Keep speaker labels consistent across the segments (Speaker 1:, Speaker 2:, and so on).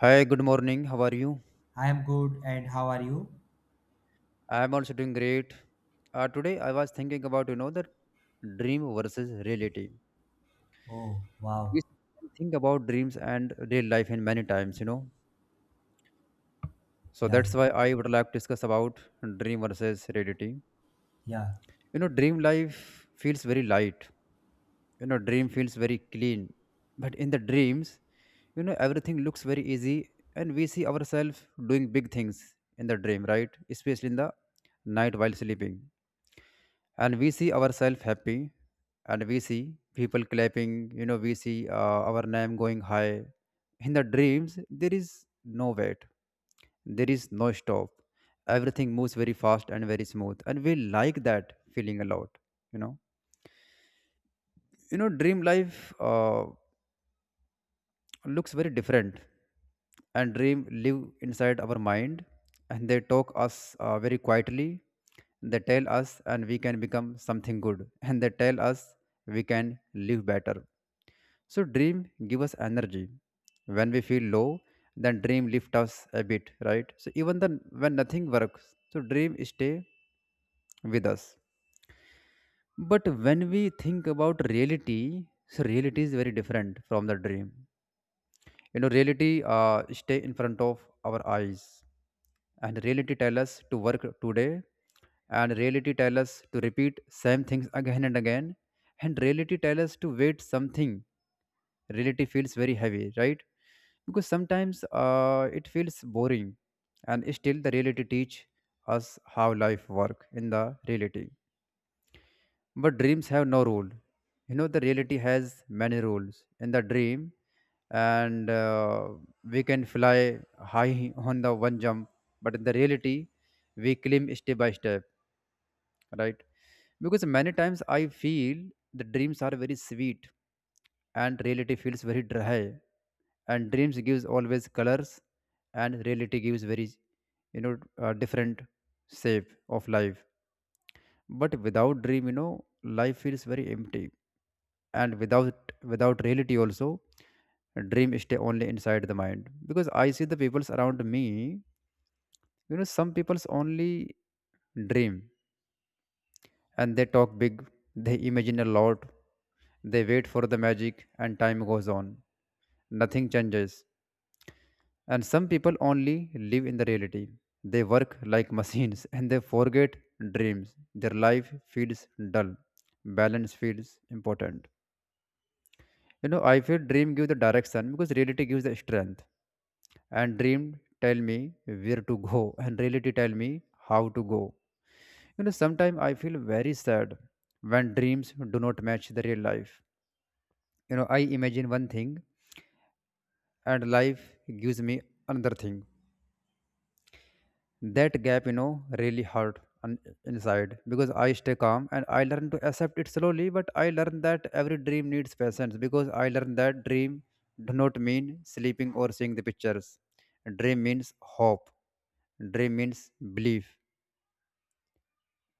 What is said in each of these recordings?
Speaker 1: Hi, good morning. How are you?
Speaker 2: I am good, and how are you?
Speaker 1: I am also doing great. Today I was thinking about the dream versus reality.
Speaker 2: Oh, wow.
Speaker 1: We think about dreams and real life in many times, you know. So
Speaker 2: Yeah,
Speaker 1: that's why I would like to discuss about dream versus reality.
Speaker 2: yeah.
Speaker 1: You know, dream life feels very light. You know, dream feels very clean. But in the dreams, you know, everything looks very easy, and we see ourselves doing big things in the dream, right? Especially in the night while sleeping, and we see ourselves happy, and we see people clapping, you know, we see our name going high. In the dreams, there is no wait, there is no stop. Everything moves very fast and very smooth, and we like that feeling a lot, you know. You know, dream life looks very different, and dream live inside our mind, and they talk us very quietly. They tell us and we can become something good, and they tell us we can live better. So dream give us energy when we feel low, then dream lift us a bit, right? So even then, when nothing works, so dream stay with us. But when we think about reality, so reality is very different from the dream. You know, reality stay in front of our eyes, and reality tell us to work today, and reality tell us to repeat same things again and again, and reality tell us to wait something. Reality feels very heavy, right? Because sometimes it feels boring, and still the reality teach us how life work in the reality. But dreams have no rule. You know, the reality has many rules. In the dream, and we can fly high on the one jump, but in the reality, we climb step by step, right? Because many times I feel the dreams are very sweet, and reality feels very dry. And dreams gives always colors, and reality gives very, different shape of life. But without dream, you know, life feels very empty, and without reality also dream stay only inside the mind, because I see the peoples around me. You know, some peoples only dream, and they talk big, they imagine a lot, they wait for the magic, and time goes on, nothing changes. And some people only live in the reality. They work like machines and they forget dreams. Their life feels dull. Balance feels important. You know, I feel dream gives the direction because reality gives the strength. And dream tell me where to go and reality tell me how to go. You know, sometimes I feel very sad when dreams do not match the real life. You know, I imagine one thing and life gives me another thing. That gap, you know, really hurt on inside, because I stay calm and I learn to accept it slowly. But I learn that every dream needs patience, because I learn that dream do not mean sleeping or seeing the pictures. Dream means hope. Dream means belief,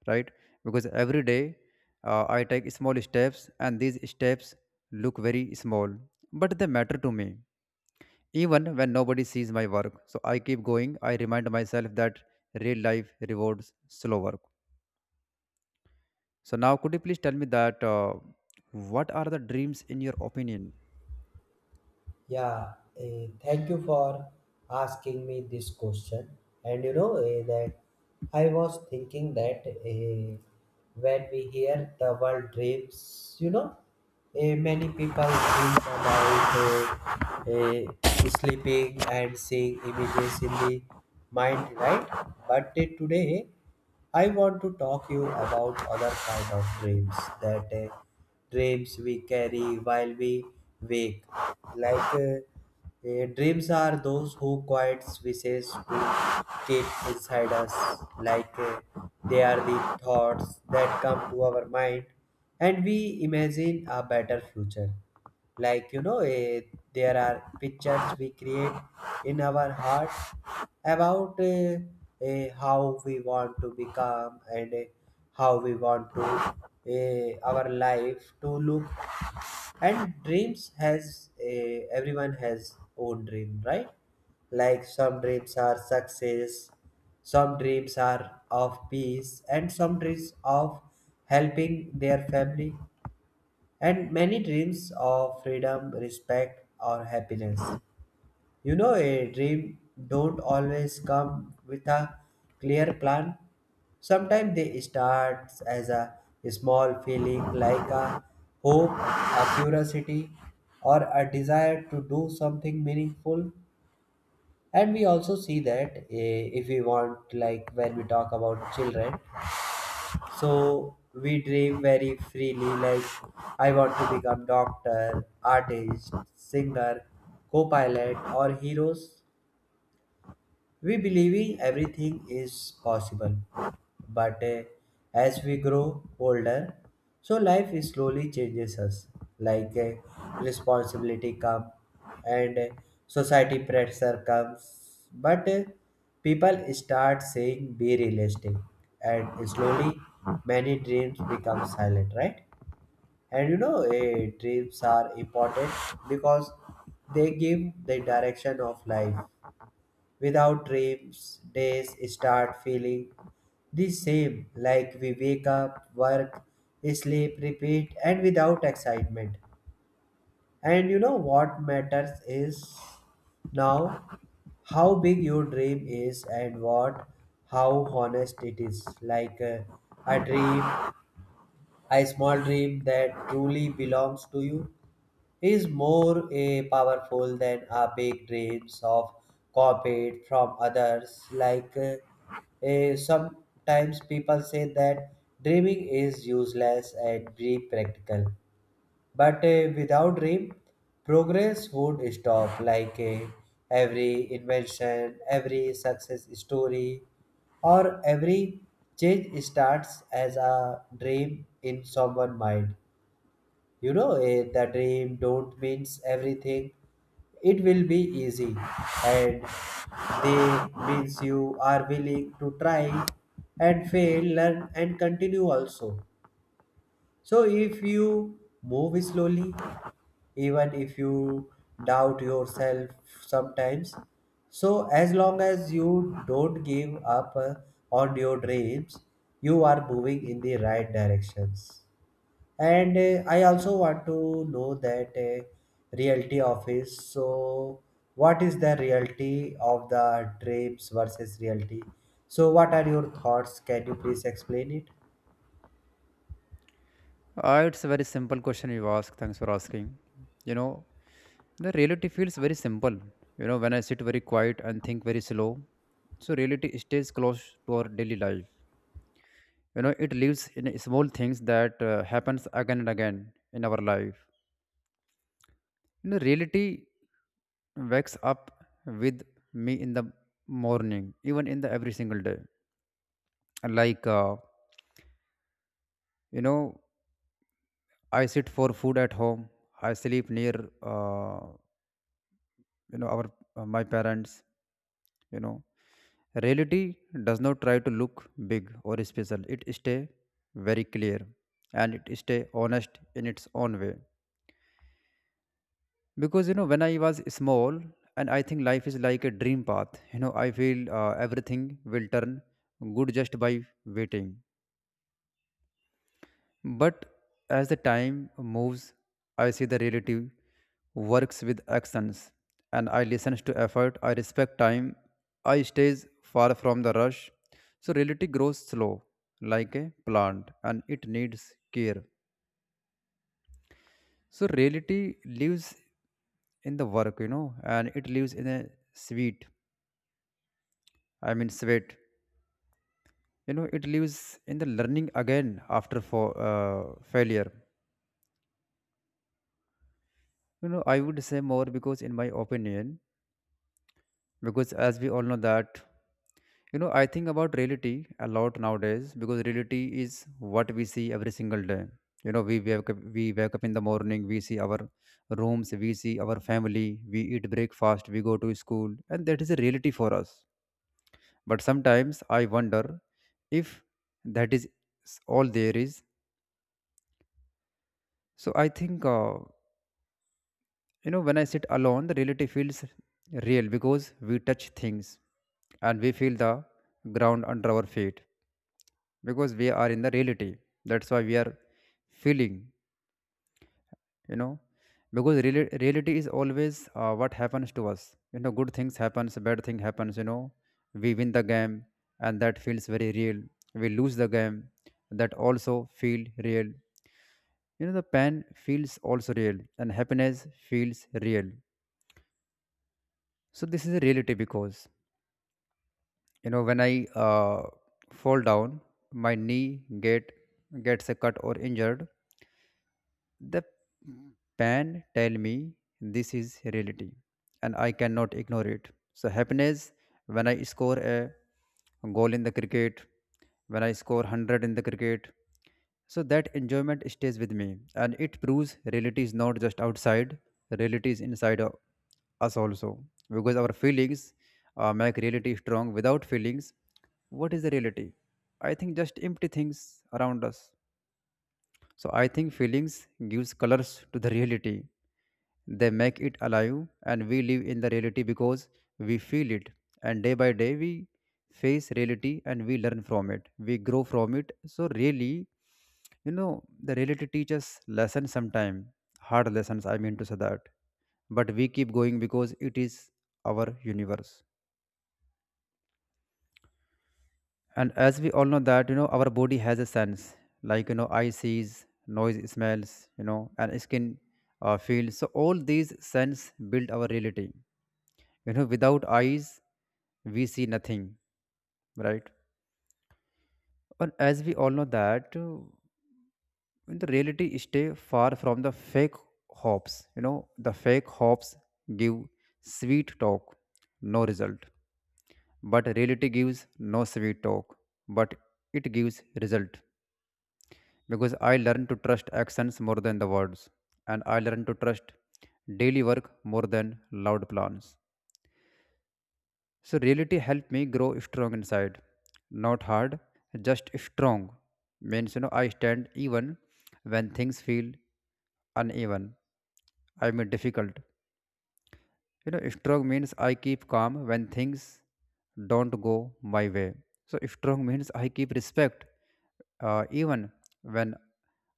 Speaker 1: right? Because every day I take small steps, and these steps look very small, but they matter to me even when nobody sees my work, so I keep going. I remind myself that real life rewards slow work. So now, could you please tell me that what are the dreams in your opinion?
Speaker 2: Yeah, thank you for asking me this question. And you know that I was thinking that when we hear the world dreams, you know, many people dream about eh, sleeping and seeing images in the mind, right? But today I want to talk you about other kind of dreams that dreams we carry while we wake. Dreams are those who quiet wishes we keep inside us. Like uh, they are the thoughts that come to our mind, and we imagine a better future, like you know there are pictures we create in our heart about how we want to become, and how we want to our life to look. And dreams has everyone has own dream, right? Like some dreams are success, some dreams are of peace, and some dreams of helping their family, and many dreams of freedom, respect, or happiness. You know, a dream don't always come with a clear plan. Sometimes they start as a small feeling like a hope, a curiosity, or a desire to do something meaningful. And we also see that if we want, like when we talk about children, so we dream very freely, like I want to become doctor, artist, singer, co-pilot or heroes, we believing everything is possible. But as we grow older, so life is slowly changes us. Like eh, Responsibility come, and society pressure comes. But people start saying be realistic, and slowly many dreams become silent, right? And you know, dreams are important because they give the direction of life. Without dreams, days start feeling the same, like we wake up, work, sleep, repeat, and without excitement. And you know what matters is now how big your dream is, and what how honest it is. Like a dream a small dream that truly belongs to you is more powerful than our big dreams of corporate from others. Sometimes people say that dreaming is useless and be practical. But without dream, progress would stop. Every invention, every success story, or every change starts as a dream in someone's mind. You know, the dream don't means everything. It will be easy, and they means you are willing to try and fail, learn and continue also. So if you move slowly, even if you doubt yourself sometimes. So, as long as you don't give up on your dreams, you are moving in the right directions. And I also want to know that reality office. So, what is the reality of the trips versus reality? So, what are your thoughts? Can you please explain it?
Speaker 1: It's a very simple question you ask. Thanks for asking. You know, the reality feels very simple. You know, when I sit very quiet and think very slow, so reality stays close to our daily life. You know, it lives in small things that happens again and again in our life. You know, reality wakes up with me in the morning, even in the every single day, like you know, I sit for food at home, I sleep near uh, you know, our my parents, you know. Reality does not try to look big or special. It stay very clear, and it stay honest in its own way. Because you know, when I was small and I think life is like a dream path, you know, I feel everything will turn good just by waiting. But as the time moves, I see the relative works with actions and I listen to effort. I respect time. I stays far from the rush. So reality grows slow like a plant, and it needs care. So reality lives in the work, you know, and it lives in a sweet, I mean sweat. You know, it lives in the learning again after for failure. You know, I would say more, because in my opinion, because as we all know that, you know, I think about reality a lot nowadays, because reality is what we see every single day. You know, we wake up in the morning, we see our rooms, we see our family, we eat breakfast, we go to school, and that is a reality for us. But sometimes I wonder if that is all there is. So I think you know, when I sit alone, the reality feels real, because we touch things and we feel the ground under our feet, because we are in the reality. That's why we are feeling, you know. Because reality is always what happens to us. You know, good things happens, bad thing happens, you know. We win the game, and that feels very real. We lose the game, that also feel real. You know, the pain feels also real, and happiness feels real. So this is a reality, because you know, when I fall down, my knee get gets a cut or injured. The pen tell me this is reality, and I cannot ignore it. So happiness when I score a goal in the cricket, when I score 100 in the cricket, so that enjoyment stays with me, and it proves reality is not just outside, reality is inside us also. Because our feelings make reality strong. Without feelings, what is the reality? I think just empty things around us. So I think feelings gives colors to the reality. They make it alive, and we live in the reality because we feel it. And day by day, we face reality and we learn from it. We grow from it. So really, you know, the reality teaches lessons sometime, hard lessons, I mean to say that. But we keep going because it is our universe. And as we all know that, you know, our body has a sense, like you know, eye sees, noise smells, you know, and skin feels, so all these sense build our reality. You know, without eyes we see nothing, right? And as we all know that, the reality stay far from the fake hopes. You know, the fake hopes give sweet talk, no result, but reality gives no sweet talk, but it gives result. Because I learn to trust actions more than the words, and I learn to trust daily work more than loud plans. So, reality helped me grow strong inside, not hard, just strong. Means, you know, I stand even when things feel uneven, difficult. You know, strong means I keep calm when things don't go my way. So, strong means I keep respect even when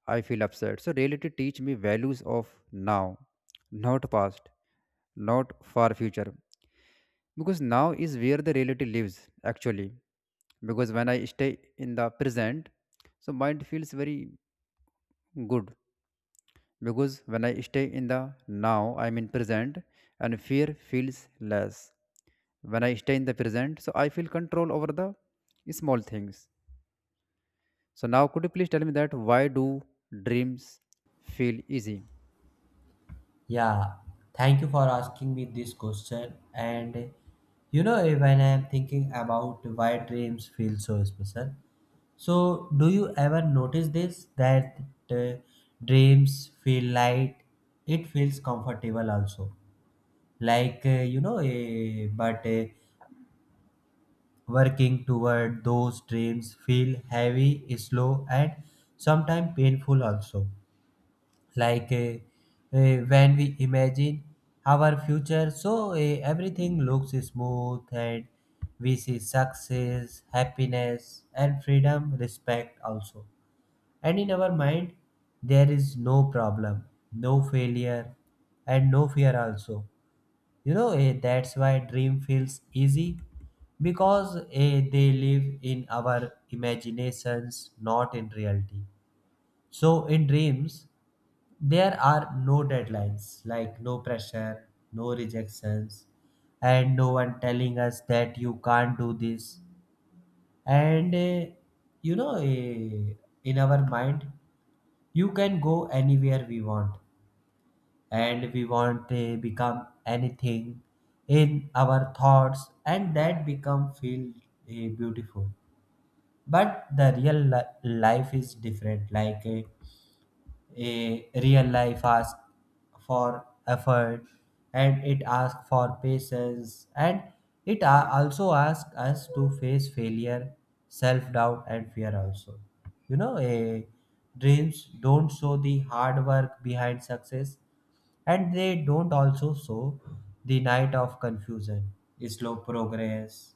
Speaker 1: I feel upset. So, reality teach me values of now, not past, not far future. Because now is where the reality lives actually. Because when I stay in the present, so mind feels very good, because when I stay in the now, I'm in present, and fear feels less. When I stay in the present, so I feel control over the small things. So now could you please tell me that why do dreams feel easy?
Speaker 2: Yeah, thank you for asking me this question. And you know, when I am thinking about why dreams feel so special, so do you ever notice this that uh, dreams feel light? It feels comfortable also. You know but working toward those dreams feel heavy slow and sometimes painful also. like uh, when we imagine our future, so everything looks smooth, and we see success happiness and freedom respect also, and in our mind there is no problem, no failure, and no fear also. You know, that's why dream feels easy because they live in our imaginations, not in reality. So, in dreams, there are no deadlines, like no pressure, no rejections, and no one telling us that you can't do this. And you know, eh, in our mind, you can go anywhere we want, and we want to become anything in our thoughts, and that become feel beautiful. But the life is different. A real life asks for effort, and it asks for patience, and it also asks us to face failure, self doubt and fear also. You know, a dreams don't show the hard work behind success, and they don't also show the night of confusion, slow progress,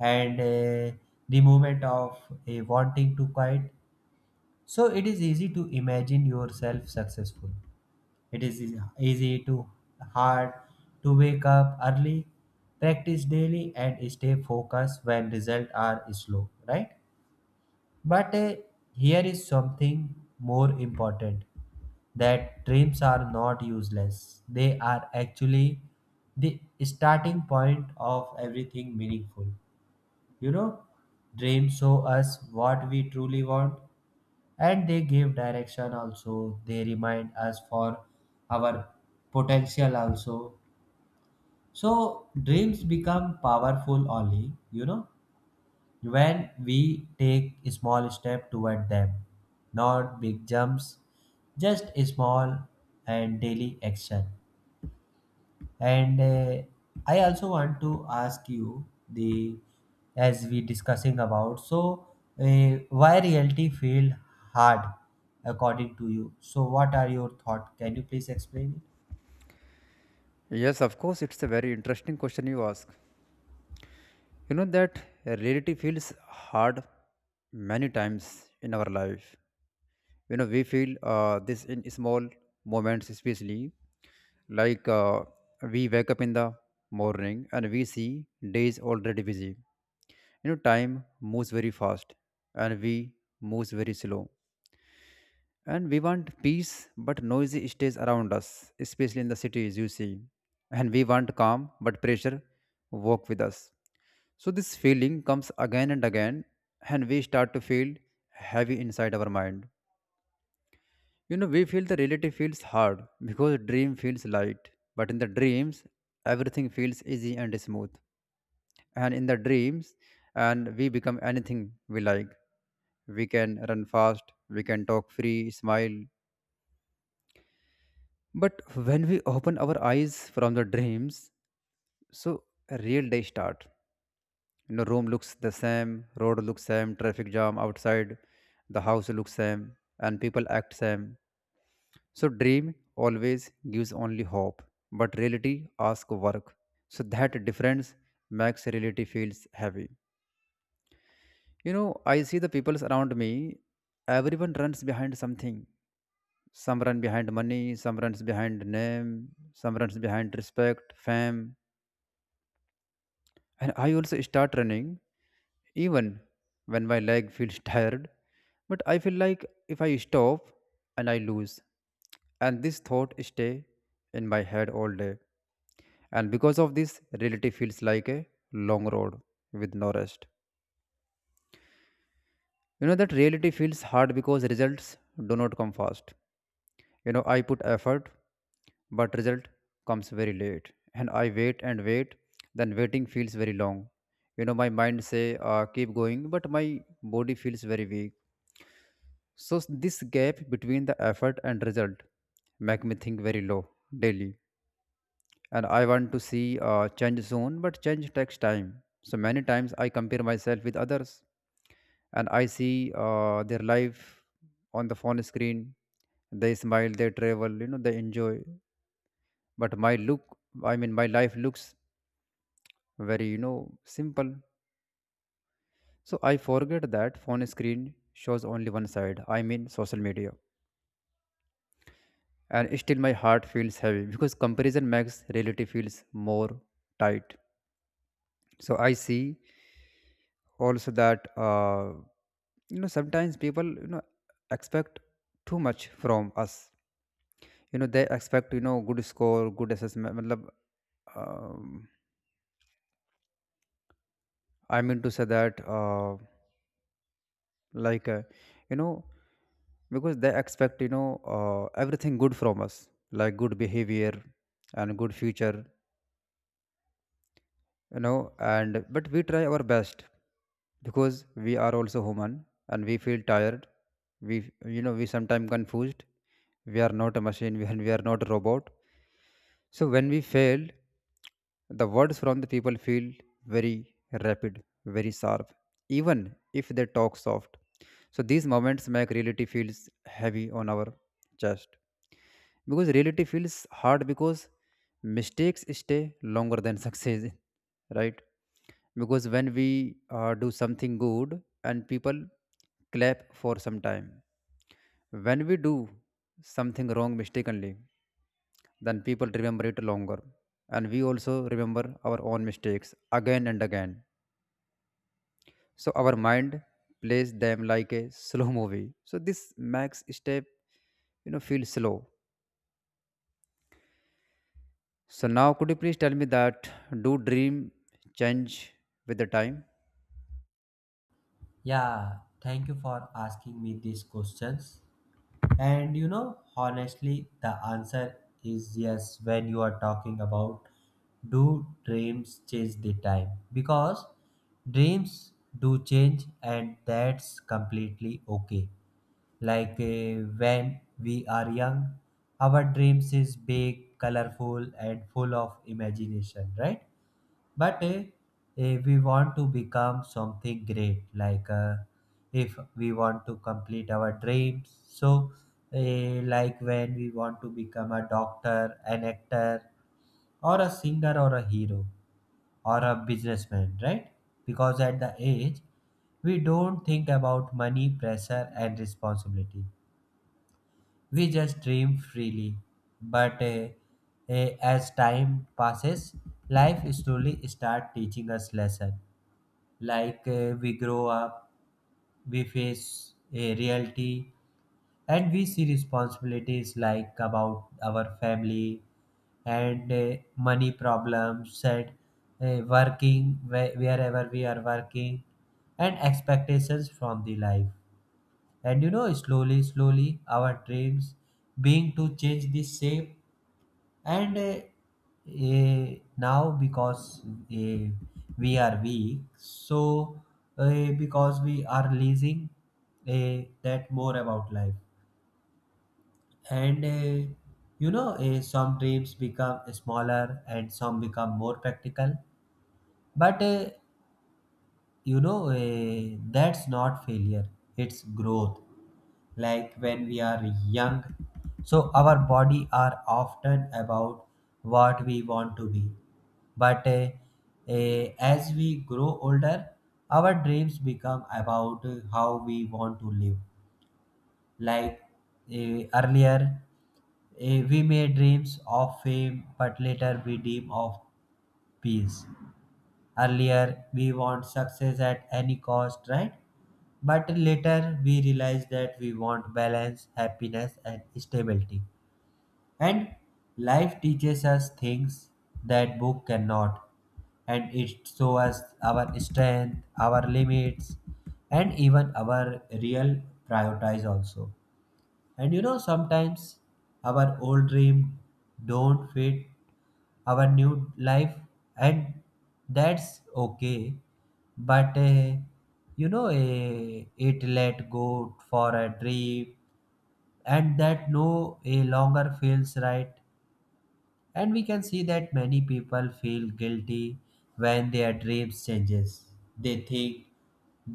Speaker 2: and the moment of wanting to quit. So it is easy to imagine yourself successful. It is easy to hard to wake up early, practice daily, and stay focused when results are slow, right? But here is something more important that dreams are not useless. They are actually the starting point of everything meaningful. You know, dreams show us what we truly want, and they give direction also, they remind us for our potential also. So dreams become powerful only, you know, when we take a small step toward them, not big jumps, just a small and daily action. And I also want to ask you the as we discussing about, so why reality feel hard according to you? So what are your thought? Can you please explain it?
Speaker 1: Yes, of course, it's a very interesting question you ask. You know that reality feels hard many times in our life. You know, we feel this in small moments especially, like we wake up in the morning and we see days already busy. You know, time moves very fast, and we moves very slow. And we want peace, but noise stays around us, especially in the cities, you see. And we want calm, but pressure walk with us. So this feeling comes again and again, and we start to feel heavy inside our mind. You know, we feel the reality feels hard because dream feels light, but in the dreams, everything feels easy and smooth. And in the dreams, and we become anything we like. We can run fast, we can talk free, smile. But when we open our eyes from the dreams, so a real day start. You know, room looks the same, road looks same, traffic jam outside, the house looks same, and people act same. So dream always gives only hope, but reality asks work. So that difference makes reality feels heavy. You know, I see the peoples around me, everyone runs behind something. Some run behind money, some runs behind name, some runs behind respect, fame. And I also start running even when my leg feels tired. But I feel like if I stop and I lose. And this thought stay in my head all day. And because of this, reality feels like a long road with no rest. You know that reality feels hard because results do not come fast. You know, I put effort, but result comes very late. And I wait and wait, then waiting feels very long. You know, my mind say, keep going, but my body feels very weak. This gap between the effort and result make me think very low daily, and I want to see change soon, but change takes time. So many times I compare myself with others and I see their life on the phone screen. They smile, they travel, you know, they enjoy. But my look, I mean, my life looks very, you know, simple. So I forget that phone screen shows only one side, I mean, social media. And still my heart feels heavy because comparison makes reality feels more tight. So I see also that you know, sometimes people, you know, expect too much from us. You know, they expect, you know, good score, good assessment, matlab, um, I mean to say that like uh, you know, because they expect, you know, everything good from us, like good behavior and good future, you know. And but we try our best because we are also human, and we feel tired, we, you know, we sometimes confused. We are not a machine we and we are not a robot. So when we fail, the words from the people feel very rapid, very sharp, even if they talk soft. So these moments make reality feels heavy on our chest, because reality feels hard because mistakes stay longer than success, right? Because when we do something good and people clap for some time, when we do something wrong mistakenly, then people remember it longer, and we also remember our own mistakes again and again. So our mind plays them like a slow movie, so this makes step, you know, feel slow. So now, could you please tell me that do dream change with the time?
Speaker 2: Yeah, thank you for asking me these questions. And you know, honestly, the answer is yes when you are talking about do dreams change the time? Because dreams do change, and that's completely okay. When we are young, our dreams is big, colorful, and full of imagination, right? But we want to become something great, like if we want to complete our dreams. So, like when we want to become a doctor, an actor, or a singer, or a hero, or a businessman, right? Because at the age, we don't think about money, pressure, and responsibility. We just dream freely. But as time passes, life slowly start teaching us lesson. We grow up, we face a reality, and we see responsibilities like about our family, and money problems, and working wherever we are working, and expectations from the life. And you know slowly slowly our dreams being to change the shape. And now because eh, we are weak, so because we are losing that more about life. And you know some dreams become smaller and some become more practical. But you know that's not failure, it's growth. Like when we are young, so our body are often about what we want to be. But as we grow older, our dreams become about how we want to live. Like earlier we made dreams of fame, but later we dream of peace. Earlier, we want success at any cost, right? But later, we realize that we want balance, happiness, and stability. And life teaches us things that book cannot. And it shows us our strength, our limits, and even our real priorities also. And you know, sometimes our old dream don't fit our new life, and that's okay. But you know it let go for a trip, and that no a longer feels right. And we can see that many people feel guilty when their dreams changes, they think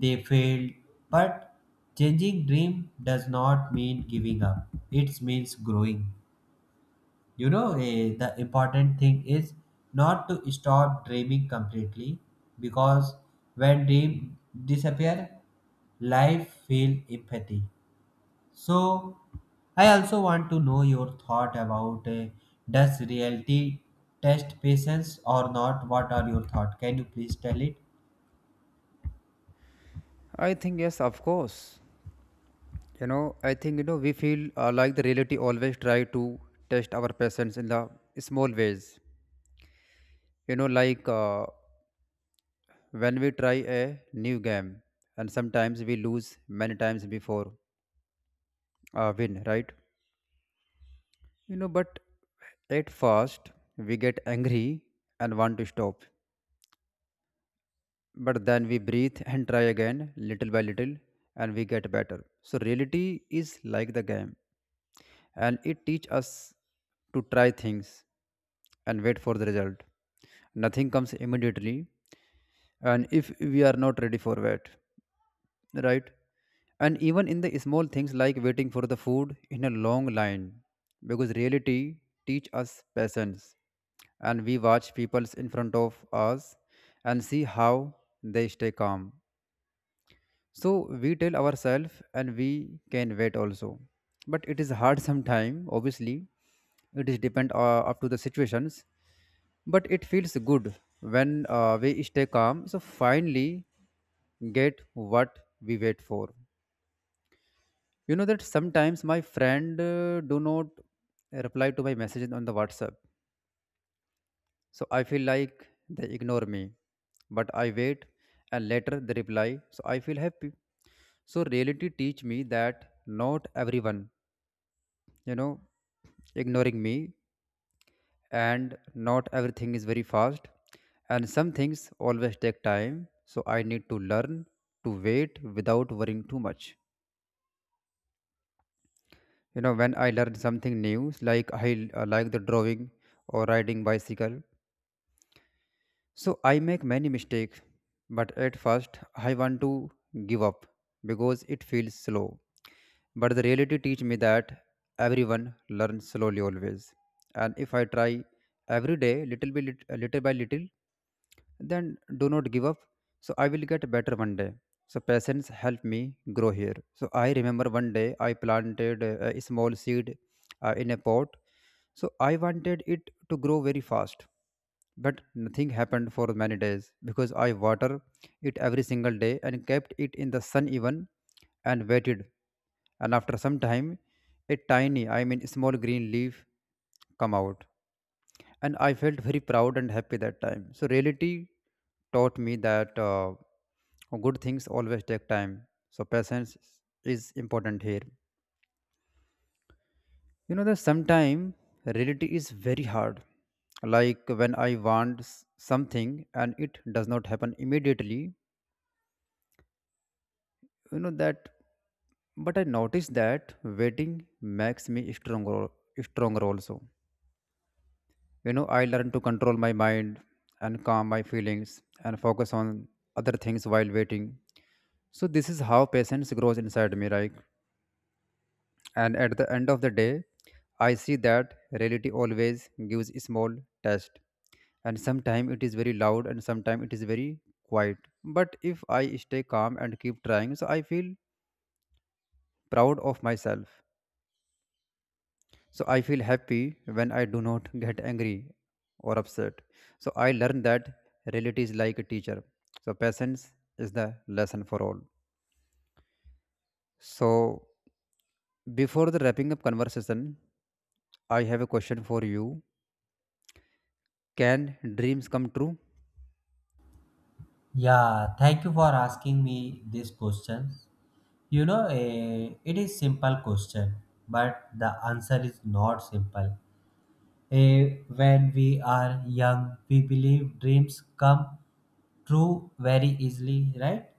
Speaker 2: they failed. But changing dream does not mean giving up, it means growing. You know the important thing is not to stop dreaming completely, because when dream disappear, life feel empathy. So I also want to know your thought about does reality test patience or not? What are your thought? Can you please tell it?
Speaker 1: I think yes, of course. You know, I think, you know, we feel like the reality always try to test our patience in the small ways. You know, when we try a new game, and sometimes we lose many times before win, right? You know, but at first we get angry and want to stop, but then we breathe and try again little by little, and we get better. So reality is like the game, and it teaches us to try things and wait for the result. Nothing comes immediately, and if we are not ready for it, right? And even in the small things, like waiting for the food in a long line, because reality teaches us patience, and we watch peoples in front of us and see how they stay calm. So we tell ourselves and we can wait also. But it is hard sometime, obviously. It is depend up to the situations. But it feels good when we stay calm. So finally get what we wait for. You know that sometimes my friend do not reply to my messages on the WhatsApp. So I feel like they ignore me, but I wait and later they reply, so I feel happy. So reality teach me that not everyone, you know, ignoring me, and not everything is very fast, and some things always take time. So I need to learn to wait without worrying too much. You know, when I learn something new, like I like the drawing or riding bicycle, so I make many mistakes, but at first I want to give up because it feels slow. But the reality teach me that everyone learns slowly always. And if I try every day, little by little, then do not give up. So I will get better one day. So patience help me grow here. So I remember one day I planted a small seed in a pot. So I wanted it to grow very fast, but nothing happened for many days, because I water it every single day and kept it in the sun even and waited. And after some time, a tiny, I mean small green leaf come out. And I felt very proud and happy that time. So reality taught me that good things always take time. So patience is important here. You know that sometimes reality is very hard. Like when I want something and it does not happen immediately, you know that. But I noticed that waiting makes me stronger, stronger also. You know, I learn to control my mind and calm my feelings and focus on other things while waiting. So this is how patience grows inside me, right? And at the end of the day, I see that reality always gives a small test. And sometimes it is very loud and sometimes it is very quiet. But if I stay calm and keep trying, so I feel proud of myself. So I feel happy when I do not get angry or upset. So I learn that reality is like a teacher. So patience is the lesson for all. So before the wrapping up conversation, I have a question for you. Can dreams come true?
Speaker 2: Yeah, thank you for asking me these questions. You know it is simple question, but the answer is not simple. Eh, when we are young, we believe dreams come true very easily, right?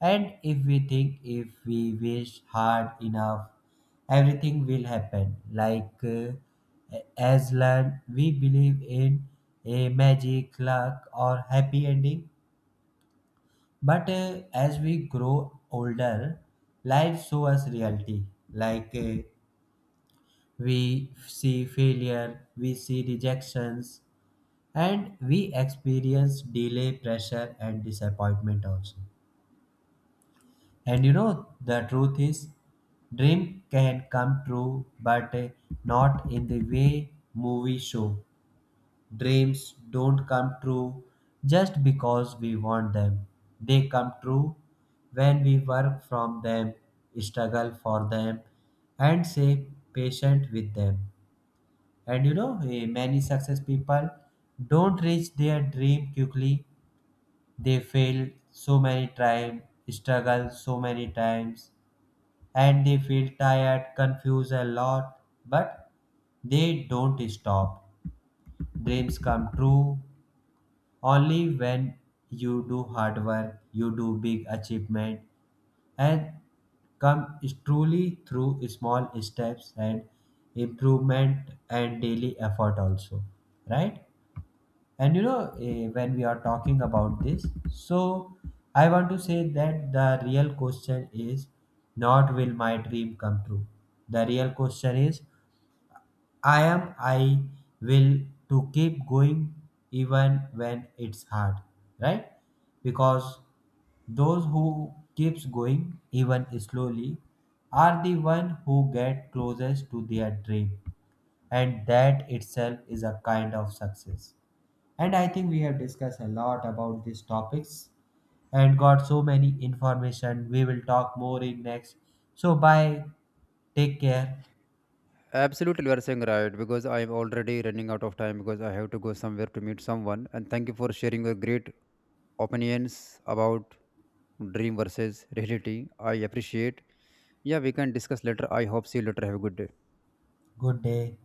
Speaker 2: And if we think if we wish hard enough, everything will happen. As learned, we believe in a magic, luck, or happy ending. But as we grow older, life shows us reality. Like uh, we see failure, we see rejections, and we experience delay pressure and disappointment also. And you know the truth is dream can come true, but not in the way movie show. Dreams don't come true just because we want them, they come true when we work from them, struggle for them, and stay patient with them. And you know many success people don't reach their dream quickly, they failed so many times, struggled so many times, and they feel tired, confused a lot, but they don't stop. Dreams come true only when you do hard work, you do big achievement, and come truly through small steps and improvement and daily effort also, right? And you know, when we are talking about this, so I want to say that the real question is not will my dream come true. The real question is I am I will to keep going even when it's hard, right? Because those who keeps going even slowly are the one who get closest to their dream, and that itself is a kind of success. And I think we have discussed a lot about these topics and got so many information. We will talk more in next. So bye. Take care.
Speaker 1: Absolutely, you are saying right, because I am already running out of time because I have to go somewhere to meet someone. And thank you for sharing your great opinions about dream versus reality. I appreciate. Yeah, we can discuss later. I hope see you later. Have a good day.
Speaker 2: Good day.